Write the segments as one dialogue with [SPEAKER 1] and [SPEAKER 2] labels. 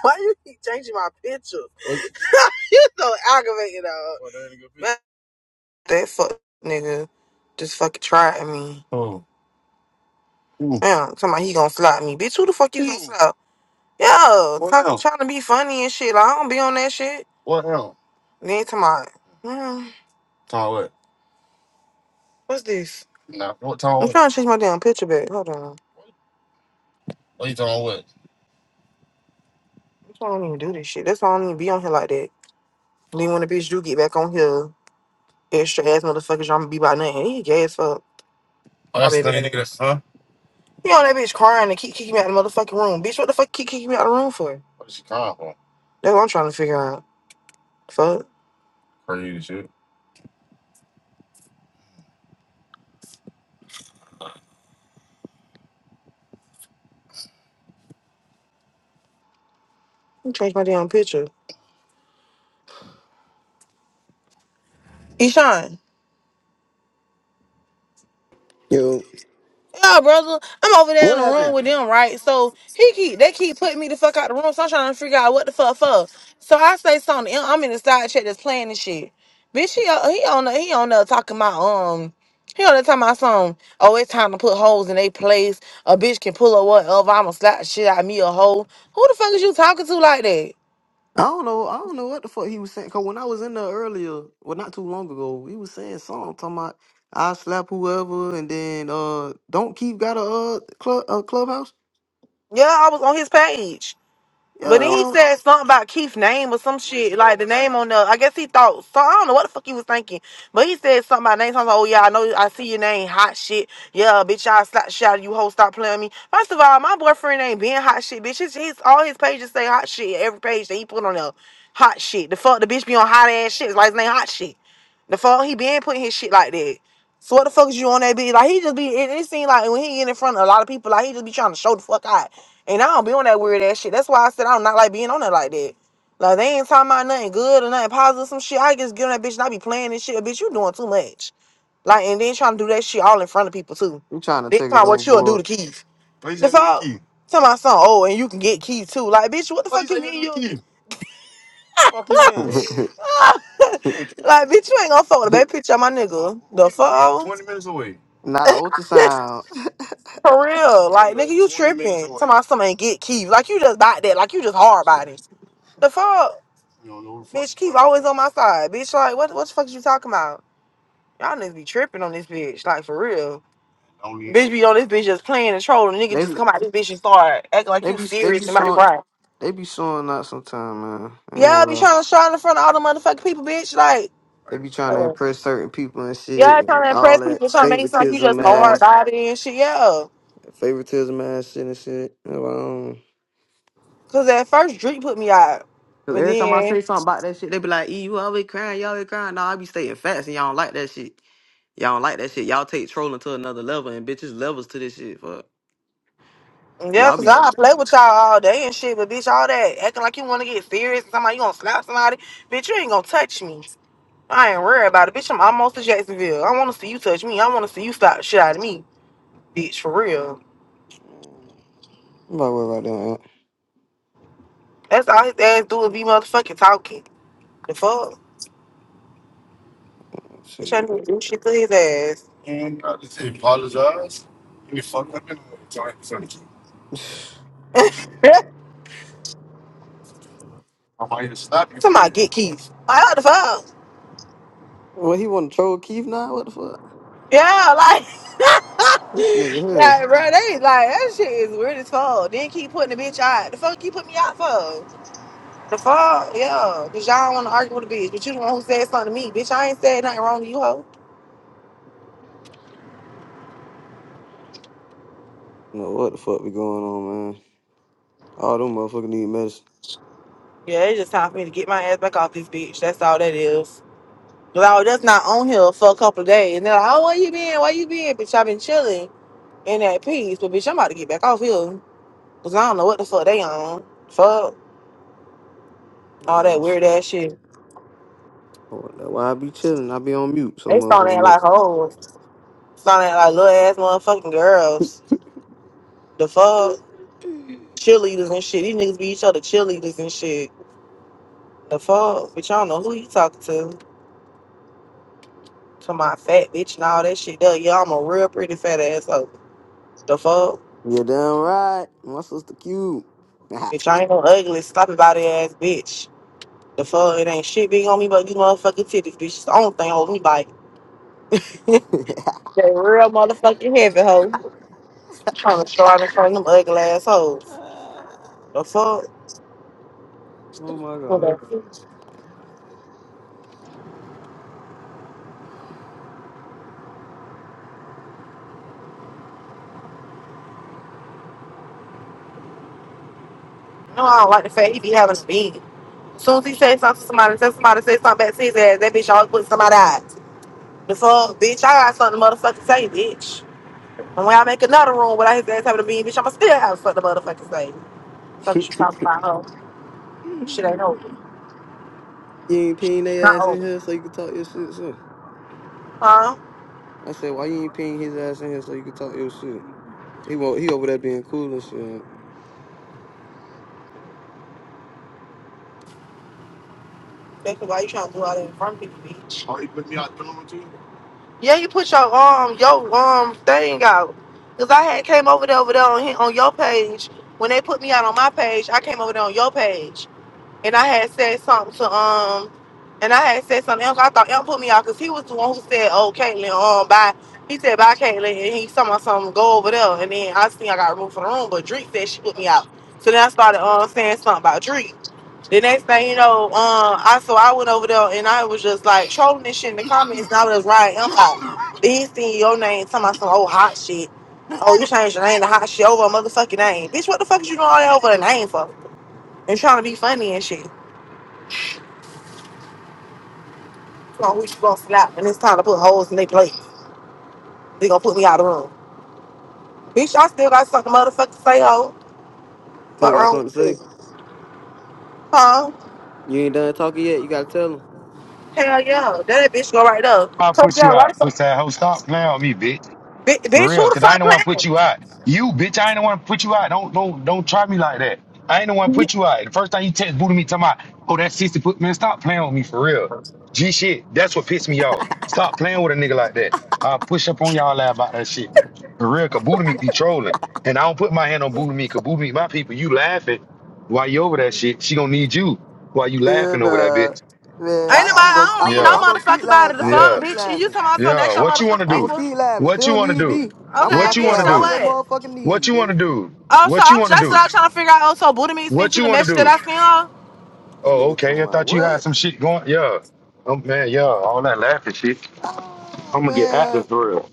[SPEAKER 1] Why you keep changing my pictures? You so aggravating, dog. Well, that ain't a good picture. That fuck nigga just fucking tried me. Man, somebody he gonna slap me. Bitch, who the fuck you gonna slap? Yo, trying, trying to be funny and shit. Like, I don't be on that shit. Then tomorrow, hmm, what's this? No, what time? I'm trying to change my damn picture back. Hold on. That's why I don't even do this shit. That's why I don't even be on here like that. Then when the bitch do get back on here, extra ass motherfuckers, I'm gonna be by nothing. He gay as fuck. Oh, that's the nigga, that's, huh? He on that bitch crying and keep kicking me out of the motherfucking room. Bitch, what the fuck keep kicking me out of the room for? That's what I'm trying to figure out. Fuck. Let me change my damn picture. Eshawn.
[SPEAKER 2] Yo,
[SPEAKER 1] Yeah, brother. I'm over there in
[SPEAKER 2] what
[SPEAKER 1] the
[SPEAKER 2] happened?
[SPEAKER 1] room with them, right? So he keep they keep putting me the fuck out the room. So I'm trying to figure out what the fuck for. So I say something. I'm in the side check that's playing and shit. Bitch, he he on the, he on there talking about um he on there talking about something. Oh, it's time to put holes in they place. A bitch can pull or whatever. I'ma slap the shit out of me a hole. Who the fuck is you talking to like that?
[SPEAKER 2] I don't know. I don't know what the fuck he was saying. Cause when I was in there earlier, well, not too long ago, he was saying something talking about I slap whoever, and then uh, don't keep got a uh club a clubhouse.
[SPEAKER 1] Yeah, I was on his page.
[SPEAKER 2] Yeah,
[SPEAKER 1] But then he
[SPEAKER 2] no,
[SPEAKER 1] said something about Keith's name or some shit, like the name on the. I guess he thought so. I don't know what the fuck he was thinking, but he said something about names. I was like, "Oh yeah, I know. I see your name, hot shit. Yeah, bitch, I slap shout you hoe. Stop playing me. First of all, my boyfriend ain't being hot shit, bitch. His, his all his pages say hot shit. Every page that he put on there, hot shit. The fuck, the bitch be on hot ass shit. It's like his name hot shit. The fuck he been putting his shit like that. So what the fuck is you on that bitch? Like he just be it, it seemed like when he get in front of a lot of people, like he just be trying to show the fuck out. And I don't be on that weird ass shit. That's why I said I don't not like being on that like that. Like they ain't talking about nothing good or nothing positive, some shit. I just get on that bitch and I be playing this shit. Bitch, you doing too much. Like and then trying to do that shit all in front of people too.
[SPEAKER 2] I'm trying to
[SPEAKER 1] They talking
[SPEAKER 2] take it
[SPEAKER 1] about what you'll do
[SPEAKER 2] overboard.
[SPEAKER 1] to Keith. What you the say to fuck? Keith? Talking about something, oh, and you can get Keith too. Like, bitch, what the What you fuck you you mean to you? Keith?
[SPEAKER 2] not
[SPEAKER 1] Like, bitch, you ain't gonna fuck with a
[SPEAKER 2] an
[SPEAKER 1] baby picture my nigga. The fuck? That's
[SPEAKER 2] ultrasound.
[SPEAKER 1] For real. Like, nigga, you tripping. Talking about something ain't get Keith. Like, you just bought that. Like, you just hard body. The fuck? Bitch, Keith always on my side. Bitch, like, what, what the fuck is you talking about? Y'all niggas be tripping on this bitch. Like, for real. Bitch be on this bitch just playing and trolling. Nigga
[SPEAKER 2] They
[SPEAKER 1] just
[SPEAKER 2] be
[SPEAKER 1] come out this bitch and start acting like
[SPEAKER 2] they
[SPEAKER 1] you
[SPEAKER 2] be they be
[SPEAKER 1] serious and might
[SPEAKER 2] showing
[SPEAKER 1] cry.
[SPEAKER 2] they be showing out sometime, man. I ain't
[SPEAKER 1] Yeah,
[SPEAKER 2] gonna
[SPEAKER 1] I be
[SPEAKER 2] lie.
[SPEAKER 1] trying to shine in front of all the motherfucking people, bitch.
[SPEAKER 2] They be trying to
[SPEAKER 1] Like,
[SPEAKER 2] impress certain people and shit,
[SPEAKER 1] Yeah, trying
[SPEAKER 2] and
[SPEAKER 1] to
[SPEAKER 2] all
[SPEAKER 1] impress
[SPEAKER 2] that
[SPEAKER 1] people, trying to make it sound like you
[SPEAKER 2] favoritism
[SPEAKER 1] just hard
[SPEAKER 2] ass
[SPEAKER 1] body and shit. Yeah,
[SPEAKER 2] favoritism ass shit and shit. Well, um,
[SPEAKER 1] cause at first Drake put me out,
[SPEAKER 2] Cause
[SPEAKER 1] and
[SPEAKER 2] every time I
[SPEAKER 1] then
[SPEAKER 2] say something about that shit, they be like, "E, you always crying, you always crying." Nah, I be stating facts, and y'all don't like that shit. Y'all don't like that shit. Y'all take trolling to another level, and bitches levels to this shit. Fuck,
[SPEAKER 1] yeah,
[SPEAKER 2] y'all
[SPEAKER 1] cause
[SPEAKER 2] be.
[SPEAKER 1] I
[SPEAKER 2] I'm
[SPEAKER 1] play with y'all all day and shit. But bitch, all that acting like you want to get serious, and somebody you gonna slap somebody, bitch, you ain't gonna touch me. I ain't worried about it, bitch. I'm almost to Jacksonville. I want to see you touch me. I want to see you slap the shit out of me, bitch, for real.
[SPEAKER 2] not worried about
[SPEAKER 1] That's all his ass do is be motherfucking talking. The fuck,
[SPEAKER 2] that.
[SPEAKER 1] he trying
[SPEAKER 2] Shit.
[SPEAKER 1] to do shit to his ass.
[SPEAKER 2] Oh, shit.
[SPEAKER 1] I might just slap you. Somebody get Keith. Like what the fuck?
[SPEAKER 2] Well, he want to troll Keith now. What the fuck?
[SPEAKER 1] Yeah, like.
[SPEAKER 2] This nigga here.
[SPEAKER 1] Like, bro, they like that shit is weird as fuck. Then keep putting the bitch out. The fuck you put me out for? The fuck, yeah. Cause y'all want to argue with a bitch, but you the one who said something to me, bitch. I ain't said nothing wrong to you, hoe.
[SPEAKER 2] No, what the fuck be going on, man? All them motherfuckers need medicine.
[SPEAKER 1] Yeah, it's just time for me to get my ass back off this bitch. That's all that is. Cause I was just not on here for a couple of days, and they're like, "Oh, where you been? Where you been?" Bitch, I been chilling in that peace, but bitch, I'm about to get back off here. Cause I don't know what the fuck they on. Fuck all
[SPEAKER 2] Yeah,
[SPEAKER 1] that
[SPEAKER 2] that's
[SPEAKER 1] weird ass shit.
[SPEAKER 2] oh, that's why I be chilling. I be on mute so
[SPEAKER 1] They starting
[SPEAKER 2] motherfucking
[SPEAKER 1] to act
[SPEAKER 2] much.
[SPEAKER 1] like hoes. Starting to act like little ass motherfucking girls. The fuck? Cheerleaders and shit. These niggas be each other cheerleaders and shit. The fuck? Bitch, I don't know who you talking to. To my fat bitch and all that shit. Though, yeah, I'm a real pretty fat ass hoe. The fuck?
[SPEAKER 2] You damn right. My sister cute.
[SPEAKER 1] Bitch, I ain't no ugly, sloppy body ass bitch. The fuck? It ain't shit big on me but these motherfucking titties, bitch. It's the only thing holding me back. That real motherfucking heavy hoe. Trying to show out in front of them ugly ass hoes. The fuck?
[SPEAKER 2] Oh my
[SPEAKER 1] No,
[SPEAKER 2] god.
[SPEAKER 1] I don't like the fact he be having a bean. As soon as he says something to somebody, says somebody says something back to his ass, that bitch always put somebody out. The fuck, bitch, I got something to motherfucking say, bitch. And when I make another room without his ass having a meeting, bitch, I'ma still have something to motherfucking say. Fuck you talking about, hoe. Shit ain't
[SPEAKER 2] you
[SPEAKER 1] over.
[SPEAKER 2] ain't peeing their
[SPEAKER 1] Not
[SPEAKER 2] ass in here
[SPEAKER 1] over.
[SPEAKER 2] so you can talk your shit, so.
[SPEAKER 1] Huh?
[SPEAKER 2] I said, why you ain't peeing his ass in here so you can talk your shit? He won't, he over there being cool and shit.
[SPEAKER 1] That's why you trying to do all that in front of people, bitch. Oh, you put me out the room too? Yeah, you put your um your um thing out. Cause I had came over there over there on hi- on your page. When they put me out on my page, I came over there on your page. and I had said something to um, and I had said something else. I thought Elk put me out because he was the one who said, "Oh, Caitlyn, um, bye." He said, "Bye, Caitlyn," and he talking about something. Go over there, and then I think I got removed from the room. But Drake said she put me out, so then I started um saying something about Drake. The next thing you know, um, I so I went over there and I was just like trolling this shit in the comments. And I was riding him out. Then he seen your name talking about some old hot shit. Oh, you changed your name to hot shit over a motherfucking name, bitch. What the fuck is you doing all that over a name for? And trying to be funny and shit. on who you gonna slap and it's time to put holes in their plates. They gonna put me out of the room. Bitch, I still got something motherfucking say ho.
[SPEAKER 2] Still
[SPEAKER 1] Fuck
[SPEAKER 2] got
[SPEAKER 1] wrong
[SPEAKER 2] something to
[SPEAKER 1] with
[SPEAKER 2] say.
[SPEAKER 1] you? Huh?
[SPEAKER 2] You ain't done talking yet, you gotta tell him.
[SPEAKER 1] Hell yeah. That bitch go right up.
[SPEAKER 3] I
[SPEAKER 1] Coach
[SPEAKER 3] put you
[SPEAKER 1] down, why the
[SPEAKER 3] out. Push
[SPEAKER 1] fuck?
[SPEAKER 3] that hoe. Stop playing with me, bitch.
[SPEAKER 1] Bi-
[SPEAKER 3] For
[SPEAKER 1] bitch,
[SPEAKER 3] real.
[SPEAKER 1] who the
[SPEAKER 3] Cause I ain't
[SPEAKER 1] fuck
[SPEAKER 3] the one
[SPEAKER 1] playing?
[SPEAKER 3] put you out. You, bitch, I ain't the one put you out. Don't don't don't try me like that. I ain't the one put you out. The first time you text booted me talking about, oh, that sister put man, stop playing with me for real. G shit. That's what pissed me off. Stop playing with a nigga like that. I'll push up on y'all ass about that shit. For real, cause Buddha me, be trolling. And I don't put my hand on Buddha me, cause Buddha me, my people, you laughing while you over that shit. She gonna need you while you laughing
[SPEAKER 2] And
[SPEAKER 3] over that
[SPEAKER 2] uh,
[SPEAKER 3] bitch.
[SPEAKER 2] man,
[SPEAKER 1] Ain't nobody,
[SPEAKER 2] I, I'm go,
[SPEAKER 1] I don't
[SPEAKER 2] I'll
[SPEAKER 1] need
[SPEAKER 2] go,
[SPEAKER 1] no
[SPEAKER 3] Yeah.
[SPEAKER 2] I'll go keep
[SPEAKER 1] motherfucking body
[SPEAKER 2] laughing.
[SPEAKER 1] to
[SPEAKER 2] I'll go
[SPEAKER 3] Yeah.
[SPEAKER 1] fuck,
[SPEAKER 2] keep
[SPEAKER 1] bitch. And you
[SPEAKER 2] laughing.
[SPEAKER 1] talking about something,
[SPEAKER 3] Yeah,
[SPEAKER 1] that's your
[SPEAKER 3] what you want to
[SPEAKER 1] motherfucking
[SPEAKER 2] I'm gonna
[SPEAKER 3] do?
[SPEAKER 1] people.
[SPEAKER 2] keep laughing.
[SPEAKER 3] What you
[SPEAKER 2] Still
[SPEAKER 3] want to
[SPEAKER 2] need me.
[SPEAKER 3] do?
[SPEAKER 2] I'm gonna
[SPEAKER 1] Okay,
[SPEAKER 3] What
[SPEAKER 2] knock
[SPEAKER 3] you
[SPEAKER 1] bitch,
[SPEAKER 2] your
[SPEAKER 3] want to
[SPEAKER 2] ass
[SPEAKER 1] so
[SPEAKER 2] right to
[SPEAKER 3] do?
[SPEAKER 2] your
[SPEAKER 1] what?
[SPEAKER 2] motherfucking
[SPEAKER 3] What
[SPEAKER 2] knees,
[SPEAKER 3] you want
[SPEAKER 2] nigga.
[SPEAKER 3] to do?
[SPEAKER 1] Oh, so
[SPEAKER 3] What you
[SPEAKER 1] I'm
[SPEAKER 3] want to
[SPEAKER 1] just
[SPEAKER 3] do?
[SPEAKER 1] out trying to figure out, oh, so Buddha me sent
[SPEAKER 3] What
[SPEAKER 1] you
[SPEAKER 3] you
[SPEAKER 1] the
[SPEAKER 3] want to
[SPEAKER 1] message that
[SPEAKER 3] do?
[SPEAKER 1] I sent her?
[SPEAKER 2] This
[SPEAKER 3] Oh,
[SPEAKER 2] nigga talking
[SPEAKER 3] okay. I
[SPEAKER 2] about
[SPEAKER 3] thought you had
[SPEAKER 2] what?
[SPEAKER 3] some shit going. Yeah. Oh man, yeah. All that laughing shit.
[SPEAKER 2] Oh
[SPEAKER 3] I'm gonna get
[SPEAKER 2] man,
[SPEAKER 3] active for real.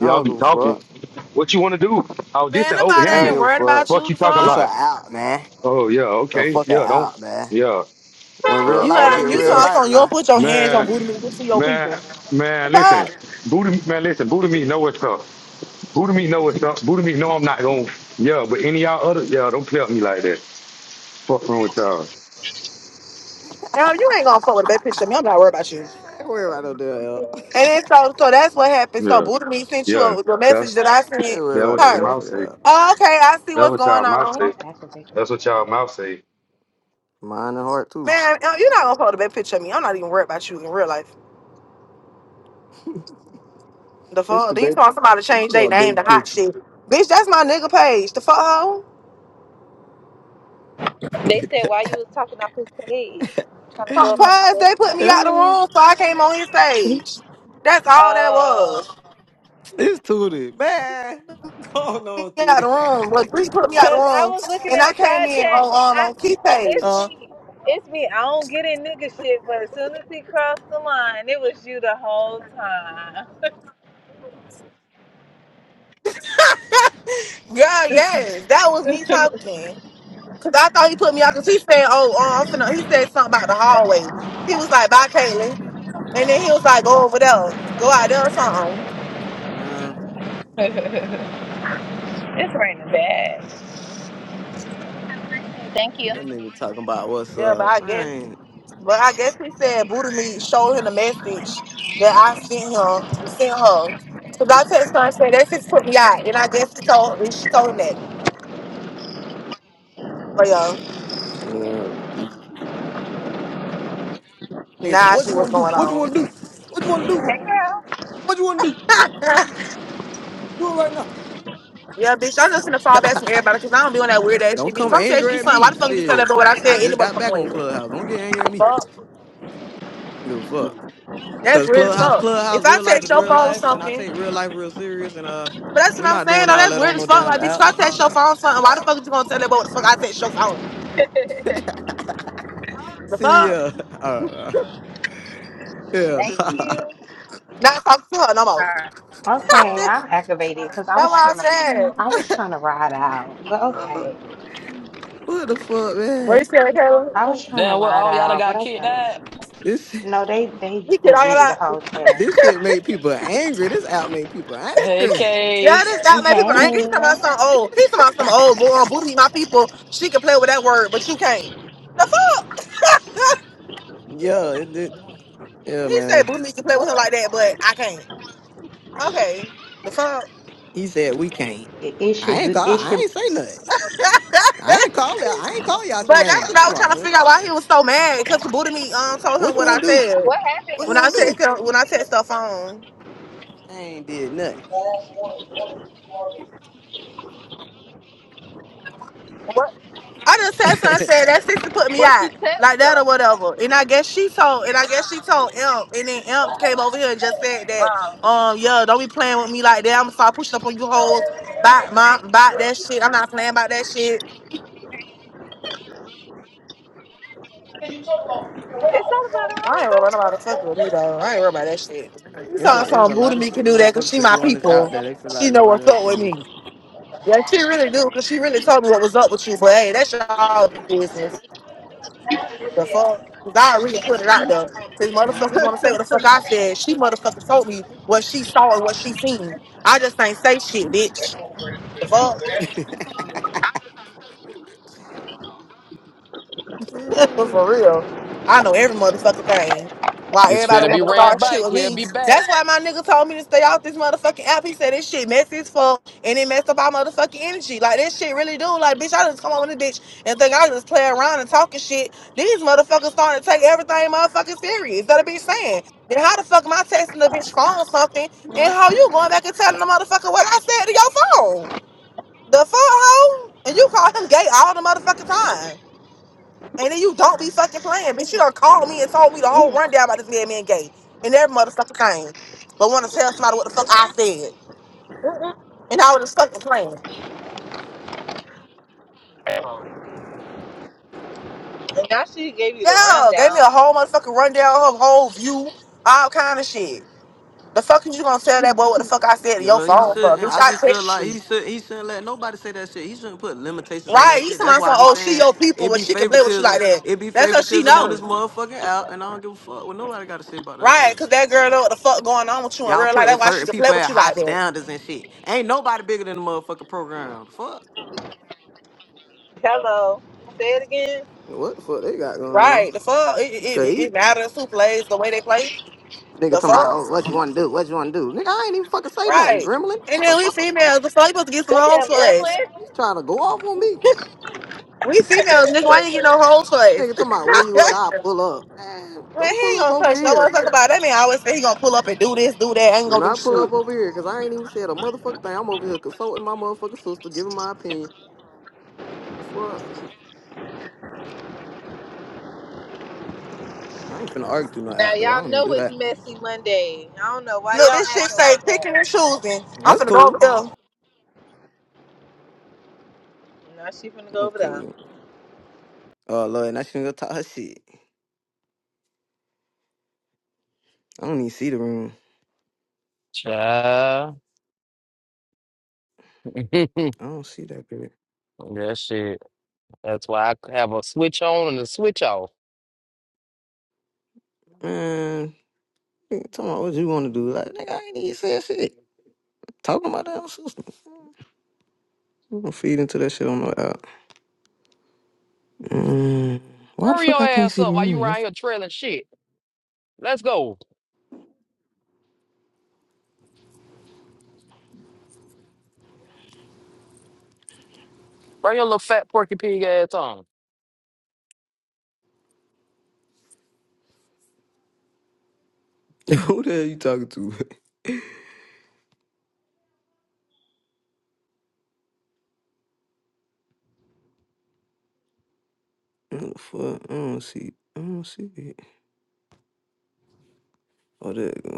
[SPEAKER 2] I
[SPEAKER 3] Y'all
[SPEAKER 2] don't
[SPEAKER 3] be
[SPEAKER 2] give a
[SPEAKER 3] talking.
[SPEAKER 2] fuck.
[SPEAKER 3] What you want to do? Oh, this
[SPEAKER 1] Man,
[SPEAKER 3] an old
[SPEAKER 2] I
[SPEAKER 1] nobody
[SPEAKER 2] don't
[SPEAKER 1] ain't
[SPEAKER 3] Hammond.
[SPEAKER 2] give a
[SPEAKER 1] worried
[SPEAKER 2] fuck.
[SPEAKER 1] about
[SPEAKER 3] Fuck
[SPEAKER 1] you,
[SPEAKER 3] you
[SPEAKER 1] the
[SPEAKER 3] talking
[SPEAKER 2] This a
[SPEAKER 1] fuck.
[SPEAKER 3] about?
[SPEAKER 2] out, man.
[SPEAKER 3] Oh yeah.
[SPEAKER 2] The
[SPEAKER 3] Okay.
[SPEAKER 2] fuck a
[SPEAKER 3] Yeah. Don't.
[SPEAKER 2] out, man.
[SPEAKER 3] Yeah.
[SPEAKER 2] When real
[SPEAKER 3] Yeah.
[SPEAKER 1] You
[SPEAKER 3] All
[SPEAKER 2] life
[SPEAKER 1] got
[SPEAKER 2] get
[SPEAKER 3] that
[SPEAKER 1] you
[SPEAKER 3] shit
[SPEAKER 2] real
[SPEAKER 3] up.
[SPEAKER 2] life
[SPEAKER 1] talking, you don't
[SPEAKER 2] now.
[SPEAKER 1] put your hands on
[SPEAKER 3] Man.
[SPEAKER 1] Booty me, this is your
[SPEAKER 3] Man.
[SPEAKER 1] people.
[SPEAKER 3] Man. Listen. Booty. Man. Listen. Booty me. Know what's up. Buddha me know it's up. Buddha me know I'm not going. Yeah, but any y'all other yeah, don't play with me like that. Fuck wrong with y'all.
[SPEAKER 1] Now you ain't gonna fuck with a bad picture. Me, I'm not worried about you.
[SPEAKER 2] I ain't worry about no damn help.
[SPEAKER 1] And then so so that's what happened. So
[SPEAKER 3] Yeah,
[SPEAKER 1] Buddha me sent you
[SPEAKER 3] yeah.
[SPEAKER 1] a, the
[SPEAKER 3] That's
[SPEAKER 1] message that I sent
[SPEAKER 2] I ain't worry
[SPEAKER 3] that
[SPEAKER 2] about
[SPEAKER 3] what
[SPEAKER 2] no
[SPEAKER 3] your
[SPEAKER 1] her.
[SPEAKER 3] mouth
[SPEAKER 2] motherfucker
[SPEAKER 3] say.
[SPEAKER 2] help.
[SPEAKER 1] Oh, okay, I see
[SPEAKER 3] That's
[SPEAKER 1] what's
[SPEAKER 3] what y'all
[SPEAKER 1] going
[SPEAKER 3] mouth
[SPEAKER 1] on.
[SPEAKER 4] I'm
[SPEAKER 3] say.
[SPEAKER 4] activated.
[SPEAKER 3] That's what y'all mouth say.
[SPEAKER 2] Mind and heart too.
[SPEAKER 1] Man, uh, you're not gonna fuck with a bad picture of me. I'm not even worried about you in real life. The
[SPEAKER 2] It's
[SPEAKER 1] fuck?
[SPEAKER 2] the
[SPEAKER 1] Then you
[SPEAKER 2] baby.
[SPEAKER 1] want somebody to
[SPEAKER 2] It's
[SPEAKER 1] change their
[SPEAKER 2] about
[SPEAKER 1] name
[SPEAKER 2] baby
[SPEAKER 1] to hot
[SPEAKER 2] picture.
[SPEAKER 1] shit. Bitch, that's my nigga page. The fuck hoe?
[SPEAKER 5] They said why you was talking off his page, trying to go up on my
[SPEAKER 1] Surprise, they put
[SPEAKER 5] bestie.
[SPEAKER 1] me out the room, so I came on his stage. That's all that
[SPEAKER 5] Oh,
[SPEAKER 1] was.
[SPEAKER 2] It's Tootie, man. Going
[SPEAKER 1] Me
[SPEAKER 2] on,
[SPEAKER 1] out
[SPEAKER 2] Tootie.
[SPEAKER 1] the room. But Bree put me out the
[SPEAKER 5] cause I
[SPEAKER 1] room
[SPEAKER 5] was looking
[SPEAKER 1] and
[SPEAKER 5] in
[SPEAKER 1] I
[SPEAKER 5] the
[SPEAKER 1] came
[SPEAKER 5] side
[SPEAKER 1] in
[SPEAKER 5] chat.
[SPEAKER 1] on
[SPEAKER 5] I
[SPEAKER 1] um on Keith
[SPEAKER 5] it's
[SPEAKER 1] page.
[SPEAKER 2] uh,
[SPEAKER 5] me, it's me. I don't get in nigga shit, but as soon as he crossed the line, it was you the whole time.
[SPEAKER 1] Yeah, yes, that was me talking. Cause I thought he put me out. Cause he said, "Oh, uh, I'm finna." He said something about the hallway. He was like, "Bye, Caitlin," and then he was like, "Go over there, go out there or something."
[SPEAKER 2] man,
[SPEAKER 5] it's raining bad. Thank you.
[SPEAKER 2] that nigga talking about what's
[SPEAKER 1] Yeah, but
[SPEAKER 2] up,
[SPEAKER 1] I guess,
[SPEAKER 2] man.
[SPEAKER 1] but I guess he said Buddha me showed him the message that I sent him, sent her. So I text her and said, "That just put me out," and I guess he told, and she told him that. But yeah,
[SPEAKER 2] Yeah, nigga, th-
[SPEAKER 1] now nah,
[SPEAKER 2] what
[SPEAKER 1] she
[SPEAKER 2] you
[SPEAKER 1] what's
[SPEAKER 2] want to do?
[SPEAKER 1] going
[SPEAKER 2] What you
[SPEAKER 1] on.
[SPEAKER 2] want to do? What you want to do?
[SPEAKER 5] Hey girl.
[SPEAKER 2] What you want to do? Do it right now.
[SPEAKER 1] Yeah, bitch, I'm just gonna fall back from everybody because I don't be on that weird ass
[SPEAKER 2] Don't
[SPEAKER 1] shit, bitch. If
[SPEAKER 2] come
[SPEAKER 1] I'm texting
[SPEAKER 2] angry
[SPEAKER 1] you
[SPEAKER 2] at
[SPEAKER 1] something, why
[SPEAKER 2] me.
[SPEAKER 1] the fuck you fell
[SPEAKER 2] Shit,
[SPEAKER 1] over what I
[SPEAKER 2] I
[SPEAKER 1] said any
[SPEAKER 2] just got
[SPEAKER 1] motherfucking
[SPEAKER 2] back on
[SPEAKER 1] way?
[SPEAKER 2] Clubhouse. Don't get angry at me.
[SPEAKER 1] Fuck.
[SPEAKER 2] I don't give a fuck.
[SPEAKER 1] That's
[SPEAKER 2] Cause
[SPEAKER 1] weird as
[SPEAKER 2] Clubhouse,
[SPEAKER 1] fuck.
[SPEAKER 2] Clubhouse,
[SPEAKER 1] If I
[SPEAKER 2] real life
[SPEAKER 1] text
[SPEAKER 2] is
[SPEAKER 1] your
[SPEAKER 2] real
[SPEAKER 1] phone
[SPEAKER 2] life, and I
[SPEAKER 1] something,
[SPEAKER 2] take real life real serious. And uh,
[SPEAKER 1] but that's what
[SPEAKER 2] we're
[SPEAKER 1] I'm
[SPEAKER 2] not
[SPEAKER 1] saying,
[SPEAKER 2] doing
[SPEAKER 1] though,
[SPEAKER 2] all
[SPEAKER 1] that's
[SPEAKER 2] that
[SPEAKER 1] weird
[SPEAKER 2] on
[SPEAKER 1] as
[SPEAKER 2] no
[SPEAKER 1] fuck.
[SPEAKER 2] damn
[SPEAKER 1] Like, bitch, if
[SPEAKER 2] app.
[SPEAKER 1] I text your phone something, why the fuck you gonna tell that boy what the fuck I text your phone? The
[SPEAKER 2] See,
[SPEAKER 1] fuck?
[SPEAKER 2] ya. uh, uh
[SPEAKER 5] Thank you.
[SPEAKER 1] Not talk to her no more.
[SPEAKER 5] Alright.
[SPEAKER 4] Okay,
[SPEAKER 1] that's
[SPEAKER 4] I'm activated because I
[SPEAKER 1] what
[SPEAKER 4] was
[SPEAKER 1] I
[SPEAKER 4] trying to,
[SPEAKER 2] yeah.
[SPEAKER 1] said.
[SPEAKER 4] I was trying to ride out, but okay,
[SPEAKER 2] What the fuck,
[SPEAKER 1] What you
[SPEAKER 2] man?
[SPEAKER 1] saying,
[SPEAKER 4] I was
[SPEAKER 1] Kayla?
[SPEAKER 4] trying to
[SPEAKER 6] Damn, what?
[SPEAKER 4] ride
[SPEAKER 6] All y'all done
[SPEAKER 4] out, but
[SPEAKER 6] got kicked
[SPEAKER 4] okay.
[SPEAKER 6] out.
[SPEAKER 2] This
[SPEAKER 4] No, they they
[SPEAKER 1] You kid all your
[SPEAKER 4] deleted the
[SPEAKER 1] life.
[SPEAKER 4] whole chat.
[SPEAKER 2] this shit made people angry. This out made people
[SPEAKER 6] Hey,
[SPEAKER 2] angry.
[SPEAKER 6] K.
[SPEAKER 1] Yeah, this got mad people angry. He's
[SPEAKER 4] Hey,
[SPEAKER 1] talking about some old. He's talking about some old boy on booty. My people, she can play with that word, but you can't. The fuck?
[SPEAKER 2] yeah, it did. Yeah,
[SPEAKER 1] He said
[SPEAKER 2] man.
[SPEAKER 1] Boomy can play with him like that, but I can't. Okay. The fuck?
[SPEAKER 2] He said we can't.
[SPEAKER 4] it, it
[SPEAKER 2] I
[SPEAKER 4] should
[SPEAKER 2] ain't call. I
[SPEAKER 4] be.
[SPEAKER 2] ain't say nothing.
[SPEAKER 1] but
[SPEAKER 2] I ain't call y'all. I
[SPEAKER 7] Last
[SPEAKER 2] ain't call y'all your
[SPEAKER 1] that's what
[SPEAKER 2] name.
[SPEAKER 1] I
[SPEAKER 2] Come
[SPEAKER 1] was trying
[SPEAKER 2] on.
[SPEAKER 1] to
[SPEAKER 2] huh?
[SPEAKER 1] figure out why he was so mad because the booty me um told
[SPEAKER 2] What
[SPEAKER 1] him
[SPEAKER 2] you
[SPEAKER 1] what I
[SPEAKER 2] want to do?
[SPEAKER 1] said.
[SPEAKER 5] What
[SPEAKER 2] What you
[SPEAKER 5] happened?
[SPEAKER 1] When I
[SPEAKER 2] want to do?
[SPEAKER 1] texted when I texted stuff phone.
[SPEAKER 2] I ain't did nothing.
[SPEAKER 5] What
[SPEAKER 1] I just said something said that sister put me
[SPEAKER 5] what you
[SPEAKER 1] out.
[SPEAKER 5] text
[SPEAKER 1] Like that
[SPEAKER 5] though?
[SPEAKER 1] or whatever. And I guess she told and I guess she told Imp and then Imp came over here and just said that,
[SPEAKER 5] Um,
[SPEAKER 1] um, yeah, don't be playing with me like that. I'm gonna start pushing up on you hoes. Bye, mom, bye that shit. I'm not playing about that shit.
[SPEAKER 7] you talk about the way I
[SPEAKER 5] it's
[SPEAKER 7] hope
[SPEAKER 5] all about her
[SPEAKER 7] you
[SPEAKER 5] own
[SPEAKER 1] I ain't worried
[SPEAKER 5] though.
[SPEAKER 1] about nobody fucking
[SPEAKER 7] watch
[SPEAKER 1] with me
[SPEAKER 7] it.
[SPEAKER 1] though. I ain't worried about that shit. You
[SPEAKER 2] it's a
[SPEAKER 1] talking
[SPEAKER 2] it's a
[SPEAKER 1] some boo
[SPEAKER 2] lot
[SPEAKER 1] to
[SPEAKER 2] of
[SPEAKER 1] me can
[SPEAKER 2] shit
[SPEAKER 1] do that because
[SPEAKER 2] motherfuckers
[SPEAKER 1] she
[SPEAKER 2] could
[SPEAKER 1] my
[SPEAKER 2] do on this out
[SPEAKER 1] people.
[SPEAKER 2] that they feel like
[SPEAKER 1] She know
[SPEAKER 2] nobody
[SPEAKER 1] what's
[SPEAKER 2] else
[SPEAKER 1] up with
[SPEAKER 2] can
[SPEAKER 1] me. Yeah, she really do because she really told me what was up with you. But hey, that's y'all business. The fuck, cause I really put it out there. Cause motherfuckers want to say what the fuck I said. She motherfuckers told me what she saw and what she seen. I just ain't say shit, bitch. The fuck.
[SPEAKER 2] do.
[SPEAKER 1] But for real, I know every motherfucking thing. Why
[SPEAKER 6] It's
[SPEAKER 1] everybody
[SPEAKER 6] finna
[SPEAKER 1] want
[SPEAKER 6] be
[SPEAKER 5] It's
[SPEAKER 1] to
[SPEAKER 5] a
[SPEAKER 6] ran
[SPEAKER 5] lot
[SPEAKER 1] start
[SPEAKER 5] going
[SPEAKER 1] shit
[SPEAKER 6] bike.
[SPEAKER 1] with
[SPEAKER 6] He'll
[SPEAKER 1] me?
[SPEAKER 6] be back.
[SPEAKER 1] That's why my nigga told me to stay off this motherfucking app. He said this shit messy as fuck, and it messed up our motherfucking energy. Like this shit really do. Like bitch, I just come on with this bitch and think I just play around and talking shit. These motherfuckers starting to take everything motherfucking serious. That a bitch saying. Then how the fuck am I texting the bitch phone or something? And how you going back and telling the motherfucker what I said to your phone? The fuck, hoe? And you call him gay all the motherfucking time. And then you don't be fucking playing. Bitch, you done called me and told me the whole
[SPEAKER 5] on.
[SPEAKER 1] rundown about this man being gay. And every motherfucker came, But want to tell somebody what the fuck I said.
[SPEAKER 5] Mhm.
[SPEAKER 1] And I was just fucking playing.
[SPEAKER 5] And now she gave you the
[SPEAKER 1] Yeah, gave me
[SPEAKER 5] rundown.
[SPEAKER 1] a whole motherfucking rundown, her whole view, all kind of shit. The fuck is you gonna tell that boy what the fuck I said to your
[SPEAKER 2] Yo, he
[SPEAKER 1] phone for?
[SPEAKER 2] shouldn't.
[SPEAKER 1] Bitch,
[SPEAKER 2] I
[SPEAKER 1] I
[SPEAKER 2] just feel
[SPEAKER 1] text
[SPEAKER 2] like
[SPEAKER 1] you.
[SPEAKER 2] he should. He shouldn't let nobody say that shit. He shouldn't put limitations on
[SPEAKER 1] Right,
[SPEAKER 2] that
[SPEAKER 1] you
[SPEAKER 2] shit. That's
[SPEAKER 1] somebody
[SPEAKER 2] why
[SPEAKER 1] say,
[SPEAKER 2] I be
[SPEAKER 1] oh, she
[SPEAKER 2] saying
[SPEAKER 1] your people,
[SPEAKER 2] it
[SPEAKER 1] but
[SPEAKER 2] be
[SPEAKER 1] she can play with you like
[SPEAKER 2] favoritism.
[SPEAKER 1] that.
[SPEAKER 2] It be
[SPEAKER 1] That's cause she
[SPEAKER 2] favoritism on this
[SPEAKER 1] knows.
[SPEAKER 2] motherfucking out, and I don't give a fuck what nobody got to say about that
[SPEAKER 1] Right,
[SPEAKER 2] shit.
[SPEAKER 1] cause that girl know what the fuck going on with you in
[SPEAKER 2] Y'all
[SPEAKER 1] real life.
[SPEAKER 2] putting
[SPEAKER 1] That's why she
[SPEAKER 2] certain
[SPEAKER 1] can play
[SPEAKER 2] people
[SPEAKER 1] with
[SPEAKER 2] at
[SPEAKER 1] you
[SPEAKER 2] high
[SPEAKER 1] like that.
[SPEAKER 2] standards and shit. Ain't nobody bigger than the motherfucking program. Fuck.
[SPEAKER 5] Hello. Say it again.
[SPEAKER 2] What the fuck they got going on?
[SPEAKER 1] Right, the fuck, it, it,
[SPEAKER 2] Cause
[SPEAKER 1] it,
[SPEAKER 2] he
[SPEAKER 1] it matters who plays the way they play.
[SPEAKER 2] nigga
[SPEAKER 1] The
[SPEAKER 2] talking about
[SPEAKER 1] fuck?
[SPEAKER 2] oh what you want to do? What you want to do? Nigga, I ain't even fucking say nothing.
[SPEAKER 1] Right.
[SPEAKER 2] Gremlin,
[SPEAKER 1] And then we
[SPEAKER 2] motherfucker.
[SPEAKER 1] females, the fuck you supposed to get some
[SPEAKER 5] That
[SPEAKER 1] whole
[SPEAKER 5] damn
[SPEAKER 1] place.
[SPEAKER 5] gremlin.
[SPEAKER 2] You trying to go off on me?
[SPEAKER 1] We females, nigga, why you get no whole place?
[SPEAKER 2] Nigga talking about where you at? I pull up. Man,
[SPEAKER 1] Man,
[SPEAKER 2] don't
[SPEAKER 1] he
[SPEAKER 2] pull
[SPEAKER 1] ain't
[SPEAKER 2] up
[SPEAKER 1] gonna
[SPEAKER 2] over
[SPEAKER 1] touch no
[SPEAKER 2] here.
[SPEAKER 1] motherfucker about it. That man always say he gonna pull up and do this, do that, ain't
[SPEAKER 2] Do
[SPEAKER 1] gonna do
[SPEAKER 2] not
[SPEAKER 1] shit.
[SPEAKER 2] pull up
[SPEAKER 1] Look,
[SPEAKER 2] over here, cause I ain't even said a motherfucking thing. I'm over here consulting my motherfucking sister, giving my opinion. Fuck, I ain't finna argue through no
[SPEAKER 5] Now
[SPEAKER 2] outdoor. I
[SPEAKER 5] y'all
[SPEAKER 2] don't even
[SPEAKER 5] know
[SPEAKER 2] do
[SPEAKER 5] it's
[SPEAKER 2] that.
[SPEAKER 5] messy Monday. I don't know why y'all
[SPEAKER 1] this shit
[SPEAKER 5] acting
[SPEAKER 1] say
[SPEAKER 5] like that.
[SPEAKER 1] picking and choosing. I'm
[SPEAKER 2] That's
[SPEAKER 1] finna go over
[SPEAKER 2] cool.
[SPEAKER 1] here.
[SPEAKER 5] Now she finna go
[SPEAKER 2] I'm
[SPEAKER 5] over there.
[SPEAKER 2] cool. Oh Lord, now she gonna talk her shit. I don't even see the room.
[SPEAKER 6] Child.
[SPEAKER 2] I don't see that bitch.
[SPEAKER 6] That shit. That's why I have a switch on and a switch off.
[SPEAKER 2] Man, nigga, talking about what you want to do? Like, nigga, I ain't even said shit. Talking about that sister. I'm gonna feed into that shit on no out. Mm, why the
[SPEAKER 6] Hurry
[SPEAKER 2] fuck I
[SPEAKER 6] your
[SPEAKER 2] can't
[SPEAKER 6] ass
[SPEAKER 2] see the
[SPEAKER 6] up while you
[SPEAKER 2] room?
[SPEAKER 6] around here trailing shit. Let's go. Bring your little fat porky pig ass on.
[SPEAKER 2] Who the hell you talking to? Who the fuck? I don't see. I don't see it. Oh, there you go.